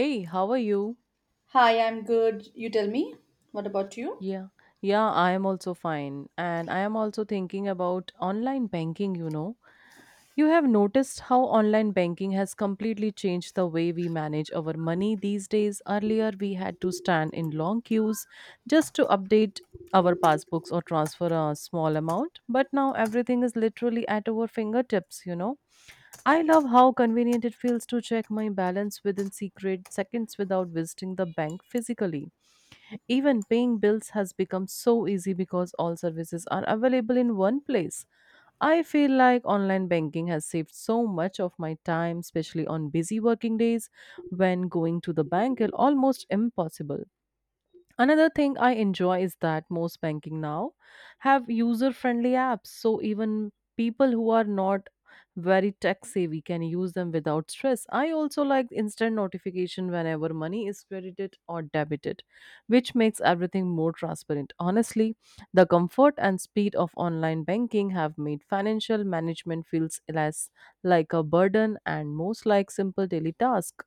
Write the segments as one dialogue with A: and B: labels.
A: Hey, how are you?
B: Hi, I'm good. You tell me. What about you?
A: Yeah, yeah, I am also fine. And I am also thinking about online banking, you know. You have noticed how online banking has completely changed the way we manage our money these days. Earlier, we had to stand in long queues just to update our passbooks or transfer a small amount. But now everything is literally at our fingertips, I love how convenient it feels to check my balance within secret seconds without visiting the bank physically. Even paying bills has become so easy because all services are available in one place. I feel like online banking has saved so much of my time, especially on busy working days when going to the bank is almost impossible. Another thing I enjoy is that most banking now have user friendly apps, so even people who are not very tech savvy can use them without stress. I also like instant notification whenever money is credited or debited, which makes everything more transparent. Honestly, the comfort and speed of online banking have made financial management feels less like a burden and most like simple daily task.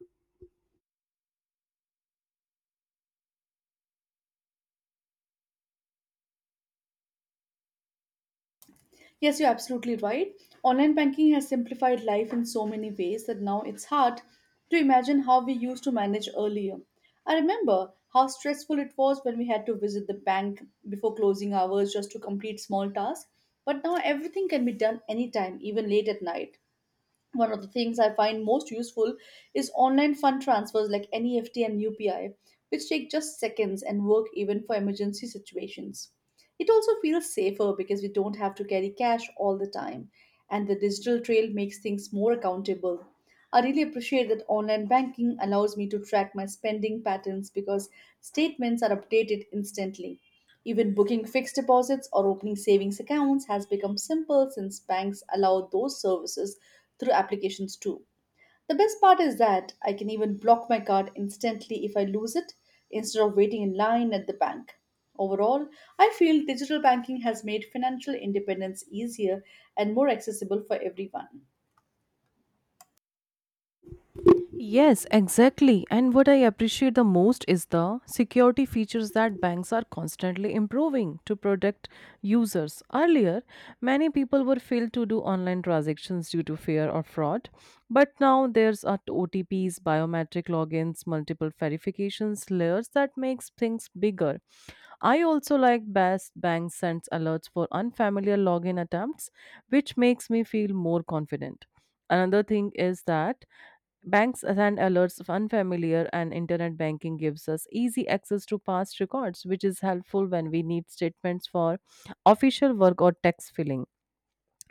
B: Yes, you're absolutely right. Online banking has simplified life in so many ways that now it's hard to imagine how we used to manage earlier. I remember how stressful it was when we had to visit the bank before closing hours just to complete small tasks, but now everything can be done anytime, even late at night. One of the things I find most useful is online fund transfers like NEFT and UPI, which take just seconds and work even for emergency situations. It also feels safer because we don't have to carry cash all the time, and the digital trail makes things more accountable. I really appreciate that online banking allows me to track my spending patterns because statements are updated instantly. Even booking fixed deposits or opening savings accounts has become simple since banks allow those services through applications too. The best part is that I can even block my card instantly if I lose it instead of waiting in line at the bank. Overall, I feel digital banking has made financial independence easier and more accessible for everyone.
A: Yes, exactly. And what I appreciate the most is the security features that banks are constantly improving to protect users. Earlier, many people were failed to do online transactions due to fear or fraud, but now there's a OTPs, biometric logins, multiple verifications layers that makes things bigger. I also like best bank sends alerts for unfamiliar login attempts, which makes me feel more confident. Another thing is that banks send alerts of unfamiliar, and internet banking gives us easy access to past records, which is helpful when we need statements for official work or tax filing.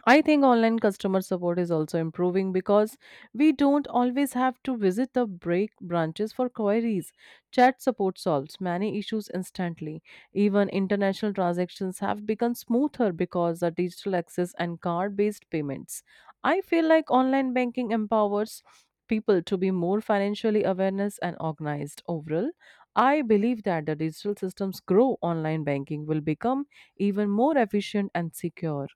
A: I think online customer support is also improving because we don't always have to visit the break branches for queries. Chat support solves many issues instantly. Even international transactions have become smoother because of digital access and card based payments. I feel like online banking empowers people to be more financially awareness and organized overall. I believe that the digital systems grow, online banking will become even more efficient and secure.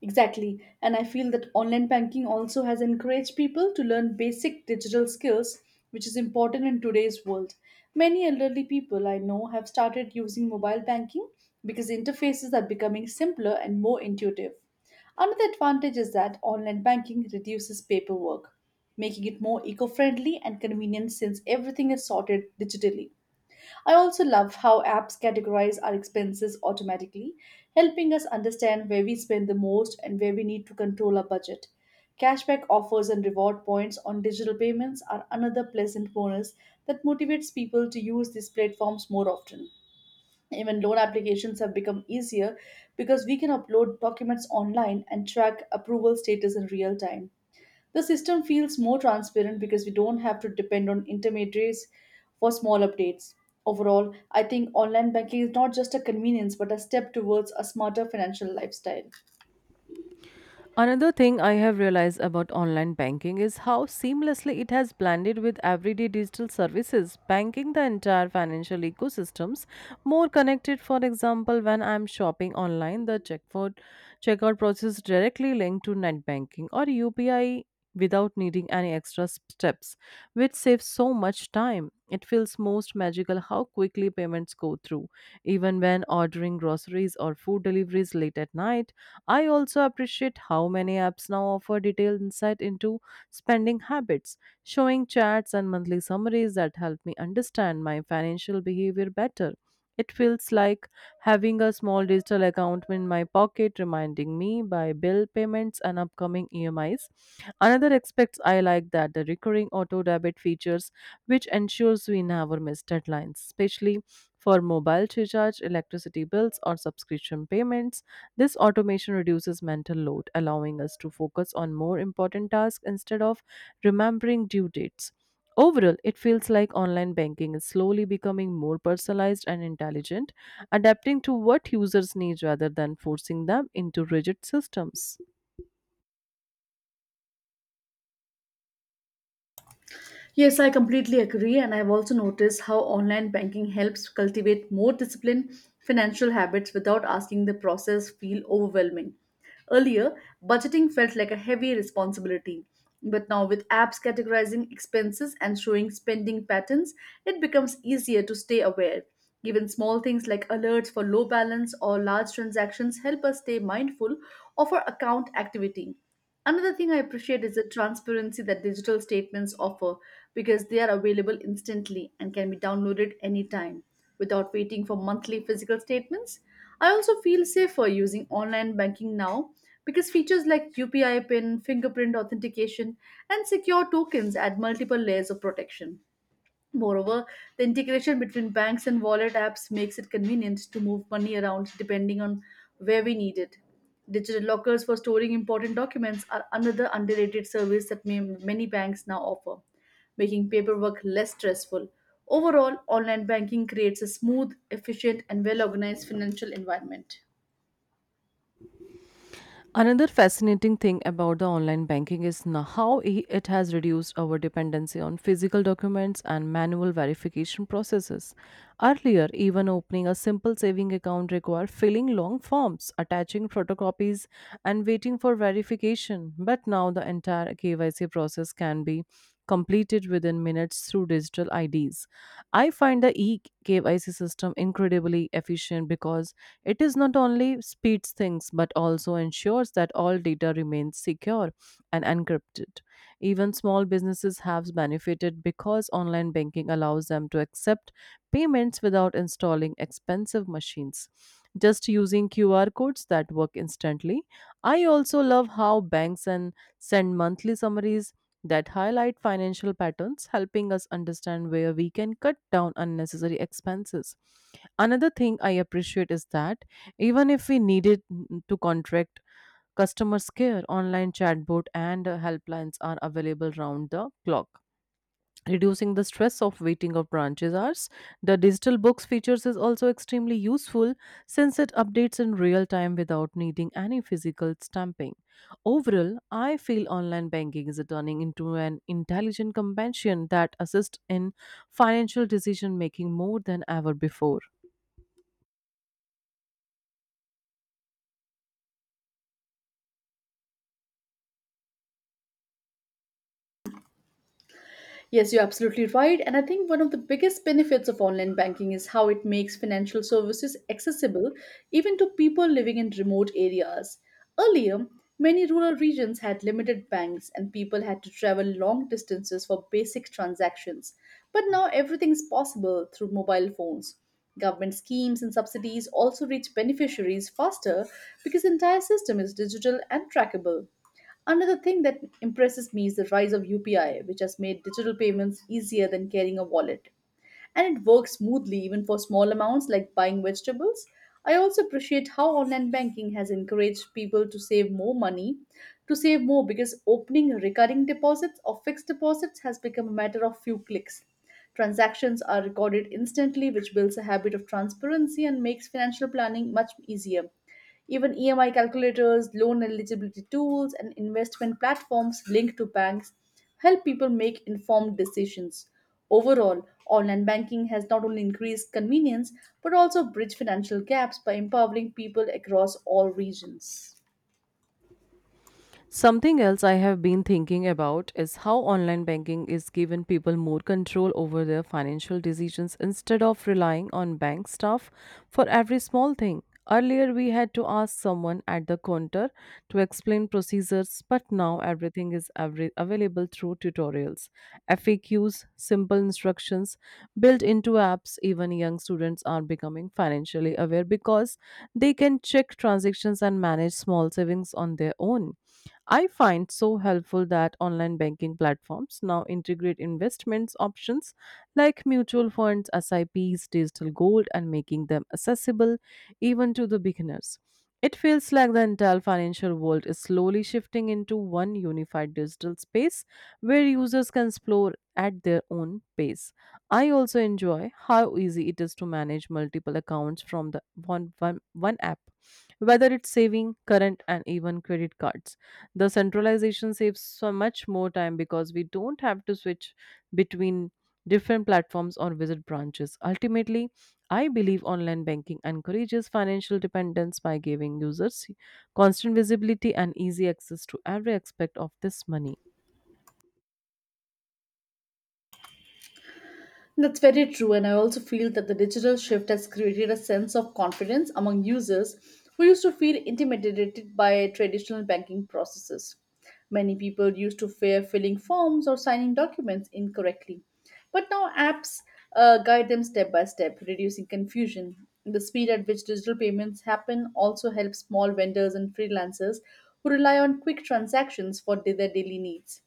B: Exactly. And I feel that online banking also has encouraged people to learn basic digital skills, which is important in today's world. Many elderly people I know have started using mobile banking because interfaces are becoming simpler and more intuitive. Another advantage is that online banking reduces paperwork, making it more eco friendly and convenient since everything is sorted digitally. I also love how apps categorize our expenses automatically, helping us understand where we spend the most and where we need to control our budget. Cashback offers and reward points on digital payments are another pleasant bonus that motivates people to use these platforms more often. Even loan applications have become easier because we can upload documents online and track approval status in real time. The system feels more transparent because we don't have to depend on intermediaries for small updates. Overall, I think online banking is not just a convenience but a step towards a smarter financial lifestyle.
A: Another thing I have realized about online banking is how seamlessly it has blended with everyday digital services, banking the entire financial ecosystems more connected. For example, when I'm shopping online, the checkout process directly linked to net banking or UPI without needing any extra steps, which saves so much time. It feels most magical how quickly payments go through, even when ordering groceries or food deliveries late at night. I also appreciate how many apps now offer detailed insight into spending habits, showing charts and monthly summaries that help me understand my financial behavior better. It feels like having a small digital account in my pocket reminding me by bill payments and upcoming EMIs. Another aspect I like that the recurring auto debit features which ensures we never miss deadlines, especially for mobile recharge, electricity bills, or subscription payments. This automation reduces mental load, allowing us to focus on more important tasks instead of remembering due dates. Overall, it feels like online banking is slowly becoming more personalized and intelligent, adapting to what users need rather than forcing them into rigid systems.
B: Yes, I completely agree, and I've also noticed how online banking helps cultivate more disciplined financial habits without asking the process feel overwhelming. Earlier, budgeting felt like a heavy responsibility, but now with apps categorizing expenses and showing spending patterns, it becomes easier to stay aware. Even small things like alerts for low balance or large transactions help us stay mindful of our account activity. Another thing I appreciate is the transparency that digital statements offer because they are available instantly and can be downloaded anytime without waiting for monthly physical statements. I also feel safer using online banking now because features like UPI PIN, fingerprint authentication, and secure tokens add multiple layers of protection. Moreover, the integration between banks and wallet apps makes it convenient to move money around depending on where we need it. Digital lockers for storing important documents are another underrated service that many banks now offer, making paperwork less stressful. Overall, online banking creates a smooth, efficient, and well organized financial environment.
A: Another fascinating thing about the online banking is now how it has reduced our dependency on physical documents and manual verification processes. Earlier, even opening a simple saving account required filling long forms, attaching photocopies, and waiting for verification clarification, but now the entire KYC process can be completed within minutes through digital IDs. I find the eKYC system incredibly efficient because it is not only speeds things but also ensures that all data remains secure and encrypted. Even small businesses have benefited because online banking allows them to accept payments without installing expensive machines, just using QR codes that work instantly. I also love how banks and send monthly summaries that highlight financial patterns, helping us understand where we can cut down unnecessary expenses. Another thing I appreciate is that even if we needed to contract customers care, online chatbot and helplines are available round the clock, reducing the stress of waiting of branches hours. The digital books features is also extremely useful since it updates in real time without needing any physical stamping. Overall, I feel online banking is turning into an intelligent companion that assists in financial decision making more than ever before.
B: Yes, you're absolutely right. And I think one of the biggest benefits of online banking is how it makes financial services accessible even to people living in remote areas. Earlier, many rural regions had limited banks and people had to travel long distances for basic transactions. But now everything is possible through mobile phones. Government schemes and subsidies also reach beneficiaries faster because the entire system is digital and trackable. Another thing that impresses me is the rise of UPI, which has made digital payments easier than carrying a wallet. And it works smoothly even for small amounts like buying vegetables. I also appreciate how online banking has encouraged people to save more money, to save more because opening recurring deposits or fixed deposits has become a matter of few clicks. Transactions are recorded instantly, which builds a habit of transparency and makes financial planning much easier. Even EMI calculators, loan eligibility tools, and investment platforms linked to banks help people make informed decisions. Overall, online banking has not only increased convenience but also bridged financial gaps by empowering people across all regions.
A: Something else I have been thinking about is how online banking is giving people more control over their financial decisions instead of relying on bank staff for every small thing. Earlier, we had to ask someone at the counter to explain procedures, but now everything is available through tutorials, FAQs, simple instructions built into apps. Even young students are becoming financially aware because they can check transactions and manage small savings on their own. I find so helpful that online banking platforms now integrate investments options like mutual funds, SIPs, digital gold, and making them accessible even to the beginners. It feels like the entire financial world is slowly shifting into one unified digital space where users can explore at their own pace. I also enjoy how easy it is to manage multiple accounts from the one app, whether it's saving, current, and even credit cards. The centralization saves so much more time because we don't have to switch between different platforms or visit branches ultimately. I believe online banking encourages financial dependence by giving users constant visibility and easy access to every aspect of this money.
B: That's very true, and I also feel that the digital shift has created a sense of confidence among users who used to feel intimidated by traditional banking processes. Many people used to fear filling forms or signing documents incorrectly, but now apps guide them step by step, reducing confusion. The speed at which digital payments happen also helps small vendors and freelancers who rely on quick transactions for their daily needs.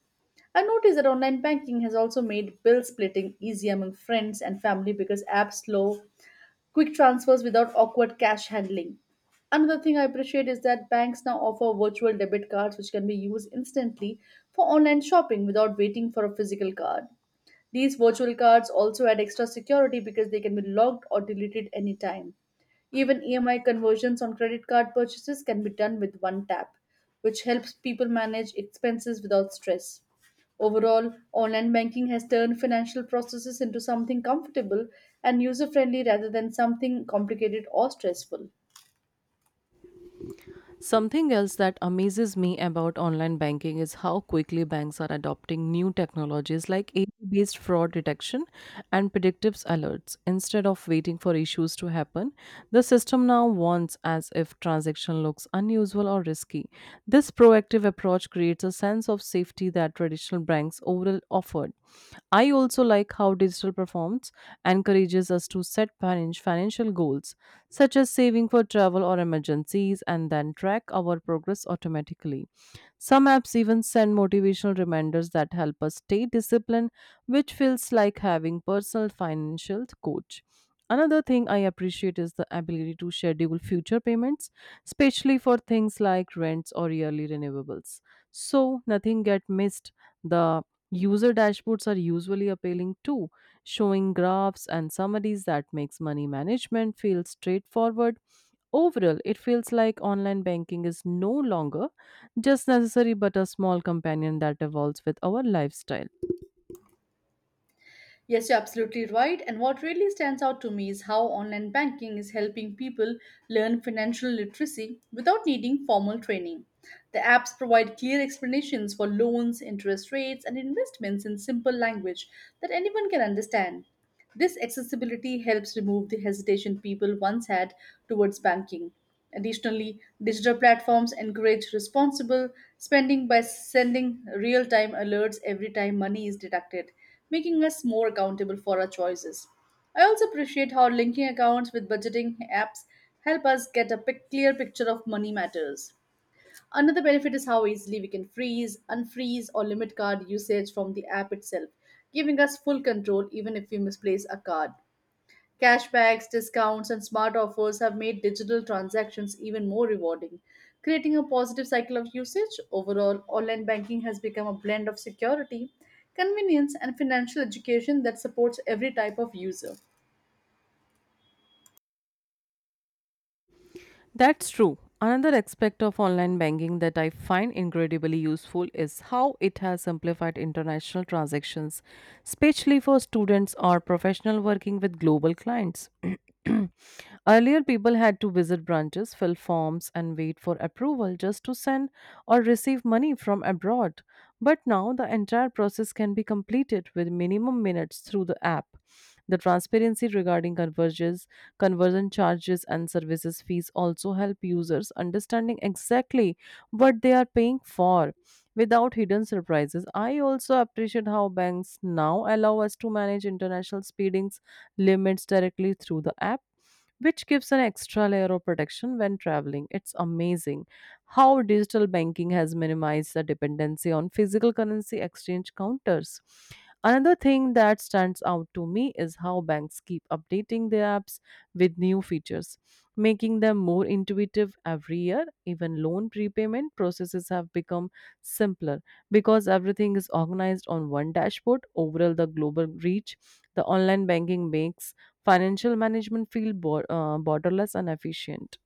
B: I noticed that online banking has also made bill splitting easy among friends and family because apps allow quick transfers without awkward cash handling. Another thing I appreciate is that banks now offer virtual debit cards which can be used instantly for online shopping without waiting for a physical card. These virtual cards also add extra security because they can be locked or deleted anytime. Even EMI conversions on credit card purchases can be done with one tap, which helps people manage expenses without stress. Overall, online banking has turned financial processes into something comfortable and user friendly rather than something complicated or stressful.
A: Something else that amazes me about online banking is how quickly banks are adopting new technologies like AI-based fraud detection and predictive alerts. Instead of waiting for issues to happen, the system now warns as if transaction looks unusual or risky. This proactive approach creates a sense of safety that traditional banks overall offered. I also like how digital performs encourages us to set financial goals, such as saving for travel or emergencies, and then track our progress automatically. Some apps even send motivational reminders that help us stay disciplined, which feels like having personal financial coach. Another thing I appreciate is the ability to schedule future payments, especially for things like rents or yearly renewables. So nothing get missed. The user dashboards are usually appealing too, showing graphs and summaries that makes money management feel straightforward. Overall, it feels like online banking is no longer just necessary but a small companion that evolves with our lifestyle.
B: Yes, you're absolutely right. And what really stands out to me is how online banking is helping people learn financial literacy without needing formal training. The apps provide clear explanations for loans, interest rates, and investments in simple language that anyone can understand. This accessibility helps remove the hesitation people once had towards banking. Additionally, digital platforms encourage responsible spending by sending real time alerts every time money is deducted making us more accountable for our choices. I also appreciate how linking accounts with budgeting apps help us get a clear picture of money matters. Another benefit is how easily we can freeze, unfreeze, or limit card usage from the app itself, giving us full control even if we misplace a card. Cashbacks, discounts, and smart offers have made digital transactions even more rewarding, creating a positive cycle of usage. Overall, online banking has become a blend of security, convenience, and financial education that supports every type of user.
A: That's true. Another aspect of online banking that I find incredibly useful is how it has simplified international transactions, especially for students or professionals working with global clients. Earlier, people had to visit branches, fill forms, and wait for approval just to send or receive money from abroad. But now, the entire process can be completed with minimum minutes through the app. The transparency regarding converges, conversion charges, and services fees also help users understanding exactly what they are paying for without hidden surprises. I also appreciate how banks now allow us to manage international speedings limits directly through the app, which gives an extra layer of protection when traveling. It's amazing how digital banking has minimized the dependency on physical currency exchange counters. Another thing that stands out to me is how banks keep updating their apps with new features, making them more intuitive every year. Even loan prepayment processes have become simpler because everything is organized on one dashboard. Overall, the global reach, the online banking makes financial management feel borderless and efficient.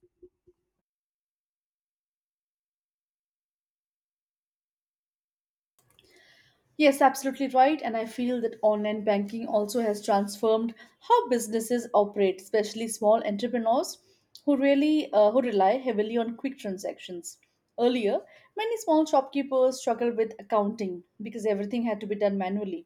B: Yes, absolutely right. And I feel that online banking also has transformed how businesses operate, especially small entrepreneurs who really who rely heavily on quick transactions. Earlier, many small shopkeepers struggled with accounting because everything had to be done manually.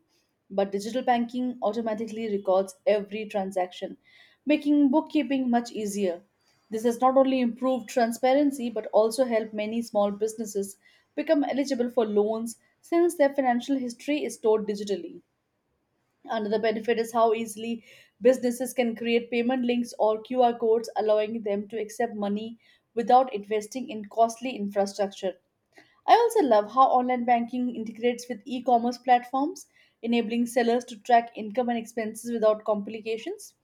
B: But digital banking automatically records every transaction, making bookkeeping much easier. This has not only improved transparency but also helped many small businesses become eligible for loans since their financial history is stored digitally. Another benefit is how easily businesses can create payment links or QR codes, allowing them to accept money without investing in costly infrastructure. I also love how online banking integrates with e commerce platforms, enabling sellers to track income and expenses without complications.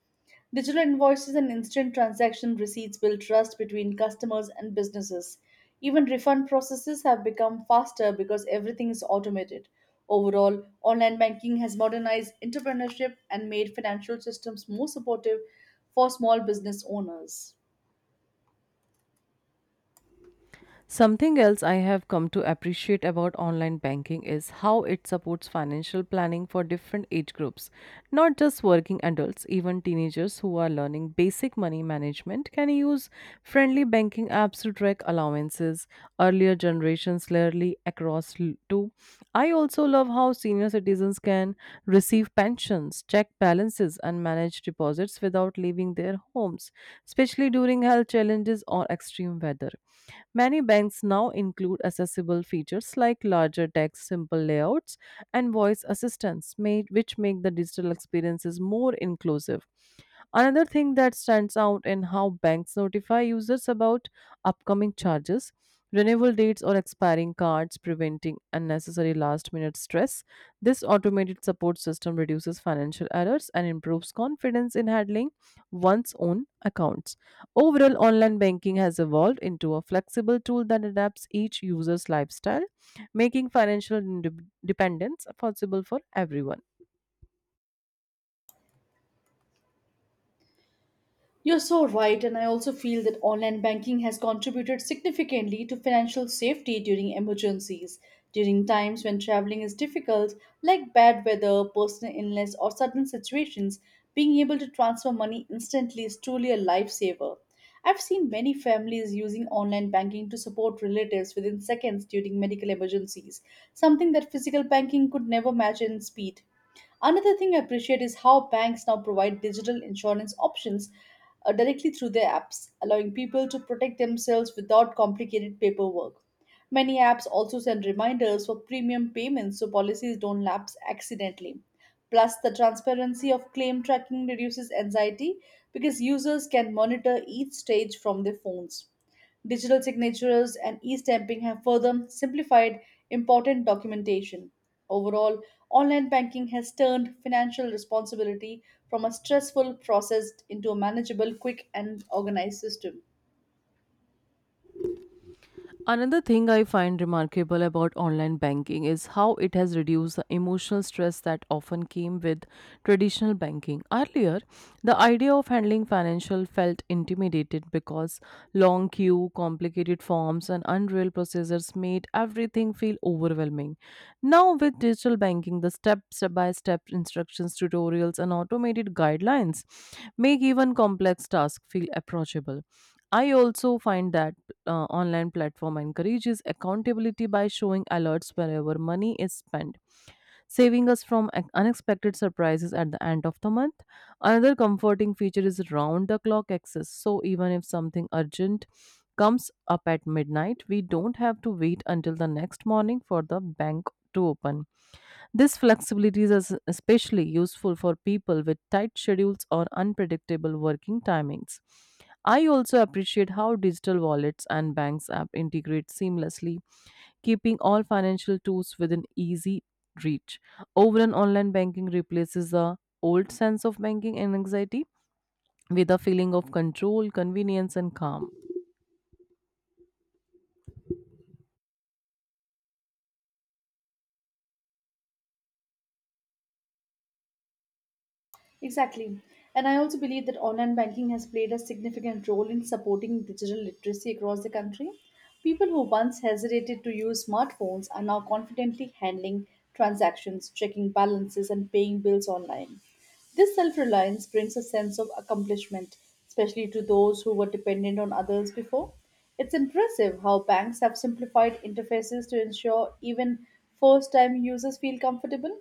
B: Digital invoices and instant transaction receipts build trust between customers and businesses. Even refund processes have become faster because everything is automated. Overall, online banking has modernized entrepreneurship and made financial systems more supportive for small business owners.
A: Something else I have come to appreciate about online banking is how it supports financial planning for different age groups. Not just working adults, even teenagers who are learning basic money management can use friendly banking apps to track allowances, earlier generations clearly across to. I also love how senior citizens can receive pensions, check balances, and manage deposits without leaving their homes, especially during health environmental challenges, or extreme weather. Many banks now include accessible features like larger text, simple layouts, and voice assistance, made, which make the digital experiences more inclusive. Another thing that stands out in how banks notify users about upcoming charges, renewal dates, or expiring cards, preventing unnecessary last minute stress. This automated support system reduces financial errors and improves confidence in handling one's own accounts. Overall, online banking has evolved into a flexible tool that adapts each user's lifestyle, making financial dependence possible for everyone.
B: You're so right, and I also feel that online banking has contributed significantly to financial safety during emergencies. During times when traveling is difficult, like bad weather, personal illness, or sudden situations, being able to transfer money instantly is truly a lifesaver. I've seen many families using online banking to support relatives within seconds during medical emergencies, something that physical banking could never match in speed. Another thing I appreciate is how banks now provide digital insurance options directly through their apps, allowing people to protect themselves without complicated paperwork. Many apps also send reminders for premium payments so policies don't lapse accidentally. Plus, the transparency of claim tracking reduces anxiety because users can monitor each stage from their phones. Digital signatures and e stamping have further simplified important documentation. Overall, online banking has turned financial responsibility from a stressful process into a manageable, quick, and organized system.
A: Another thing I find remarkable about online banking is how it has reduced the emotional stress that often came with traditional banking. Earlier, the idea of handling financial felt intimidated because long queue, complicated forms, and unreal processors made everything feel overwhelming. Now, with digital banking, the step by step instructions, tutorials, and automated guidelines make even complex tasks feel approachable. I also find that online platform encourages accountability by showing alerts wherever money is spent, saving us from unexpected surprises at the end of the month. Another comforting feature is round the clock access. So even if something urgent comes up at midnight, we don't have to wait until the next morning for the bank to open. This flexibility is especially useful for people with tight schedules or unpredictable working timings. I also appreciate how digital wallets and banks app integrate seamlessly, keeping all financial tools within easy reach. Overall, online banking replaces the old sense of banking and anxiety with a feeling of control, convenience, and calm.
B: Exactly. And I also believe that online banking has played a significant role in supporting digital literacy across the country. People who once hesitated to use smartphones are now confidently handling transactions, checking balances, and paying bills online. This self reliance brings a sense of accomplishment, especially to those who were dependent on others before. It's impressive how banks have simplified interfaces to ensure even first time users feel comfortable.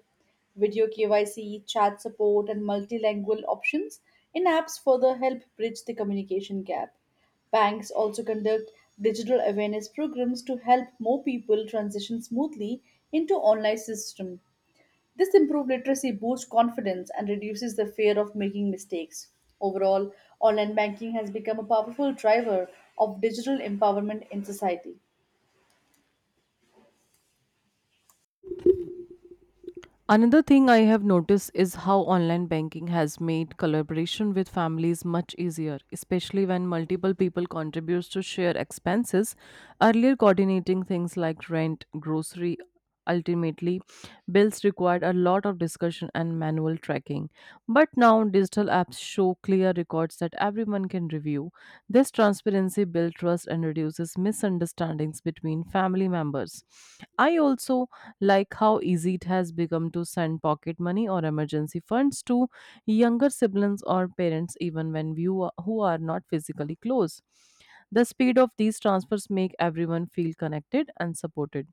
B: Video KYC, chat support, and multilingual options in apps further help bridge the communication gap. Banks also conduct digital awareness programs to help more people transition smoothly into online system. This improved literacy boosts confidence and reduces the fear of making mistakes. Overall, online banking has become a powerful driver of digital empowerment in society.
A: Another thing I have noticed is how online banking has made collaboration with families much easier, especially when multiple people contribute to share expenses. Earlier, coordinating things like rent, grocery, ultimately bills required a lot of discussion and manual tracking. But now digital apps show clear records that everyone can review. This transparency builds trust and reduces misunderstandings between family members. I also like how easy it has become to send pocket money or emergency funds to younger siblings or parents even when you who are not physically close, the speed of these transfers make everyone feel connected and supported.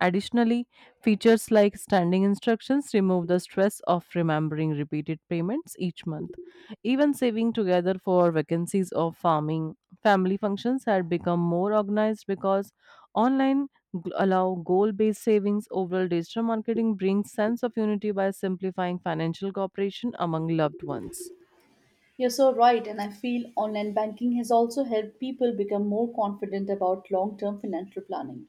A: Additionally, features like standing instructions remove the stress of remembering repeated payments each month. Even saving together for vacancies or farming family functions had become more organized because online allow goal-based savings. Overall, digital marketing brings sense of unity by simplifying financial cooperation among loved ones.
B: You're so right, and I feel online banking has also helped people become more confident about long term financial planning.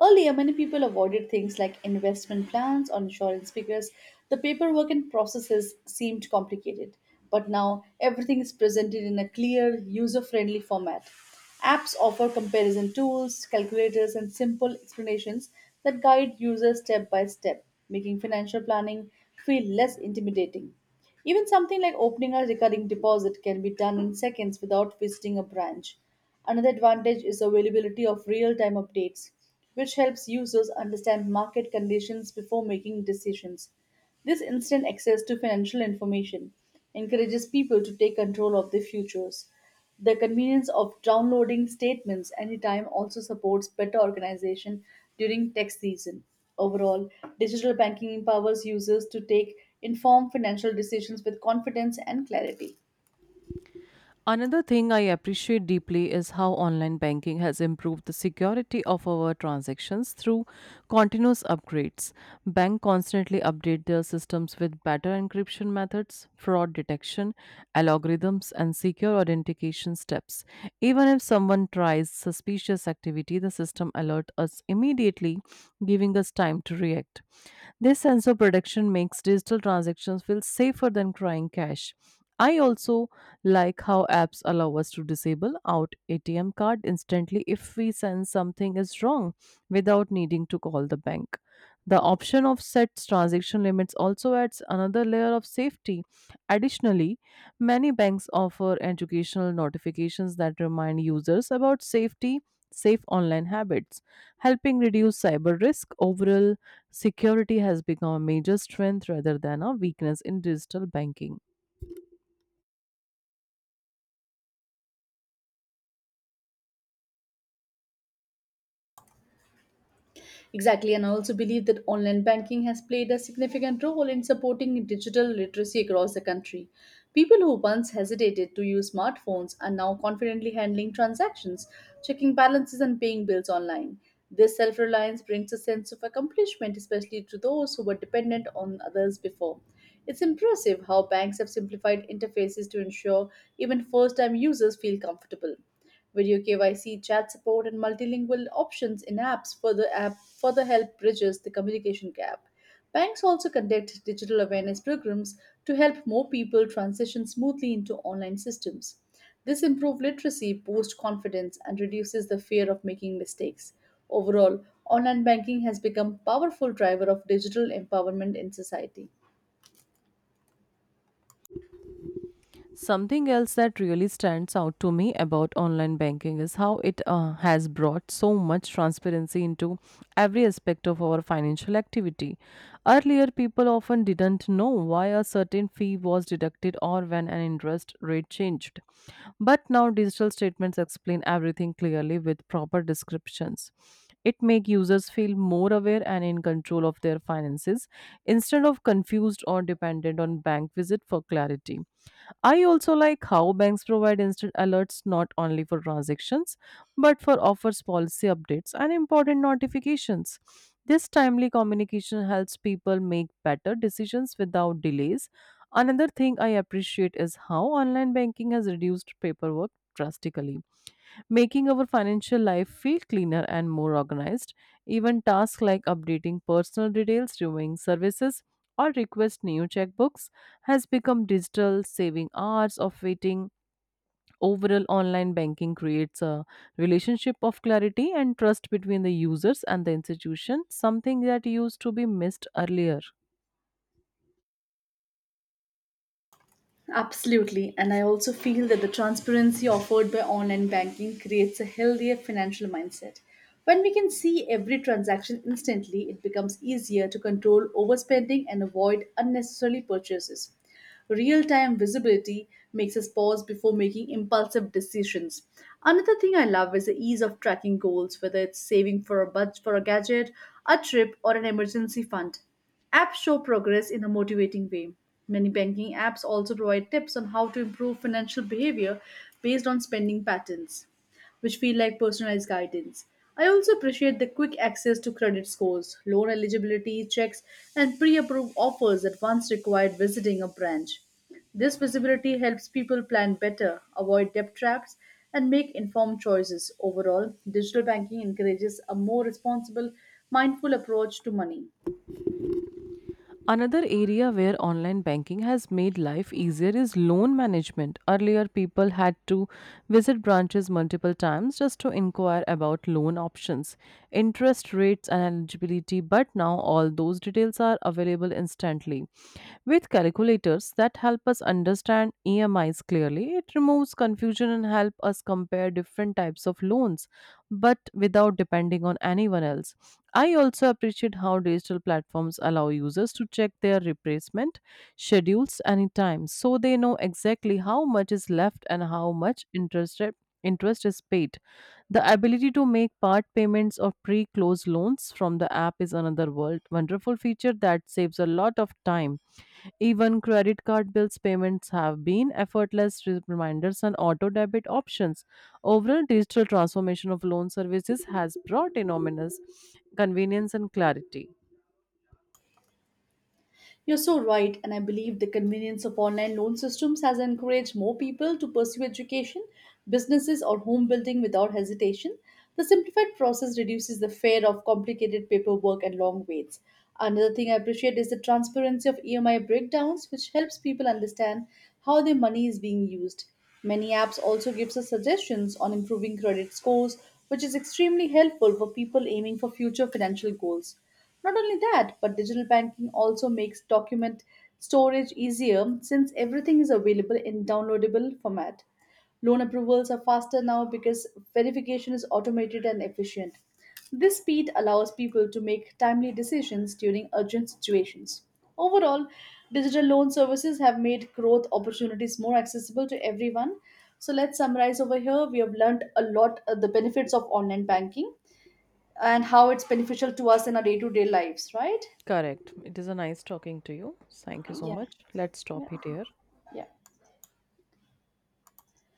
B: Earlier, many people avoided things like investment plans or insurance because the paperwork and processes seemed complicated. But now, everything is presented in a clear, user friendly format. Apps offer comparison tools, calculators, and simple explanations that guide users step by step, making financial planning feel less intimidating. Even something like opening a recurring deposit can be done in seconds without visiting a branch. Another advantage is availability of real time updates, which helps users understand market conditions before making decisions. This instant access to financial information encourages people to take control of their futures. The convenience of downloading statements anytime also supports better organization during tax season. Overall, digital banking empowers users to take informed financial decisions with confidence and clarity.
A: Another thing I appreciate deeply is how online banking has improved the security of our transactions through continuous upgrades. Banks constantly update their systems with better encryption methods, fraud detection, algorithms, and secure authentication steps. Even if someone tries suspicious activity, the system alerts us immediately, giving us time to react. This sense of protection makes digital transactions feel safer than crying cash. I also like how apps allow us to disable out ATM card instantly if we sense something is wrong without needing to call the bank. The option of set transaction limits also adds another layer of safety. Additionally, many banks offer educational notifications that remind users about safety, safe online habits, helping reduce cyber risk. Overall, security has become a major strength rather than a weakness in digital banking.
B: Exactly, and I also believe that online banking has played a significant role in supporting digital literacy across the country. People who once hesitated to use smartphones are now confidently handling transactions, checking balances, and paying bills online. This self reliance brings a sense of accomplishment, especially to those who were dependent on others before. It's impressive how banks have simplified interfaces to ensure even first time users feel comfortable. Video KYC, chat support, and multilingual options in apps further help bridges the communication gap. Banks also conduct digital awareness programs to help more people transition smoothly into online systems. This improves literacy, boosts confidence, and reduces the fear of making mistakes. Overall, online banking has become a powerful driver of digital empowerment in society.
A: Something else that really stands out to me about online banking is how it has brought so much transparency into every aspect of our financial activity. Earlier, people often didn't know why a certain fee was deducted or when an interest rate changed. But now, digital statements explain everything clearly with proper descriptions. It makes users feel more aware and in control of their finances instead of confused or dependent on bank visit for clarity. I also like how banks provide instant alerts not only for transactions but for offers, policy updates, and important notifications. This timely communication helps people make better decisions without delays. Another thing I appreciate is how online banking has reduced paperwork drastically, making our financial life feel cleaner and more organized. Even tasks like updating personal details, reviewing services, or request new checkbooks has become digital, saving hours of waiting. Overall, online banking creates a relationship of clarity and trust between the users and the institution, something that used to be missed earlier.
B: Absolutely. And I also feel that the transparency offered by online banking creates a healthier financial mindset. When we can see every transaction instantly, it becomes easier to control overspending and avoid unnecessary purchases. Real time visibility makes us pause before making impulsive decisions. Another thing I love is the ease of tracking goals, whether it's saving for a budget for a gadget, a trip, or an emergency fund. Apps show progress in a motivating way. Many banking apps also provide tips on how to improve financial behavior based on spending patterns, which feel like personalized guidance. I also appreciate the quick access to credit scores, loan eligibility checks, and pre approved offers that once required visiting a branch. This visibility helps people plan better, avoid debt traps, and make informed choices. Overall, digital banking encourages a more responsible, mindful approach to money.
A: Another area where online banking has made life easier is loan management. Earlier, people had to visit branches multiple times just to inquire about loan options, interest rates, and eligibility, but now all those details are available instantly. With calculators that help us understand EMIs clearly, it removes confusion and help us compare different types of loans, but without depending on anyone else. I also appreciate how digital platforms allow users to check their replacement schedules anytime so they know exactly how much is left and how much interest is paid. The ability to make part payments or pre-close loans from the app is another world wonderful feature that saves a lot of time. Even credit card bills payments have been effortless reminders and auto debit options. Overall, digital transformation of loan services has brought enormous convenience and clarity.
B: You're so right, and I believe the convenience of online loan systems has encouraged more people to pursue education, businesses, or home building without hesitation. The simplified process reduces the fear of complicated paperwork and long waits. Another thing I appreciate is the transparency of EMI breakdowns, which helps people understand how their money is being used. Many apps also gives us suggestions on improving credit scores, which is extremely helpful for people aiming for future financial goals. Not only that, but digital banking also makes document storage easier since everything is available in downloadable format. Loan approvals are faster now because verification is automated and efficient. This speed allows people to make timely decisions during urgent situations. Overall, digital loan services have made growth opportunities more accessible to everyone. So let's summarize over here. We have learned a lot, the benefits of online banking and how it's beneficial to us in our day-to-day lives, right?
A: Correct. It is a nice talking to you. Thank you so
B: Yeah.
A: much. Let's stop
B: Yeah.
A: it here.
B: Yeah.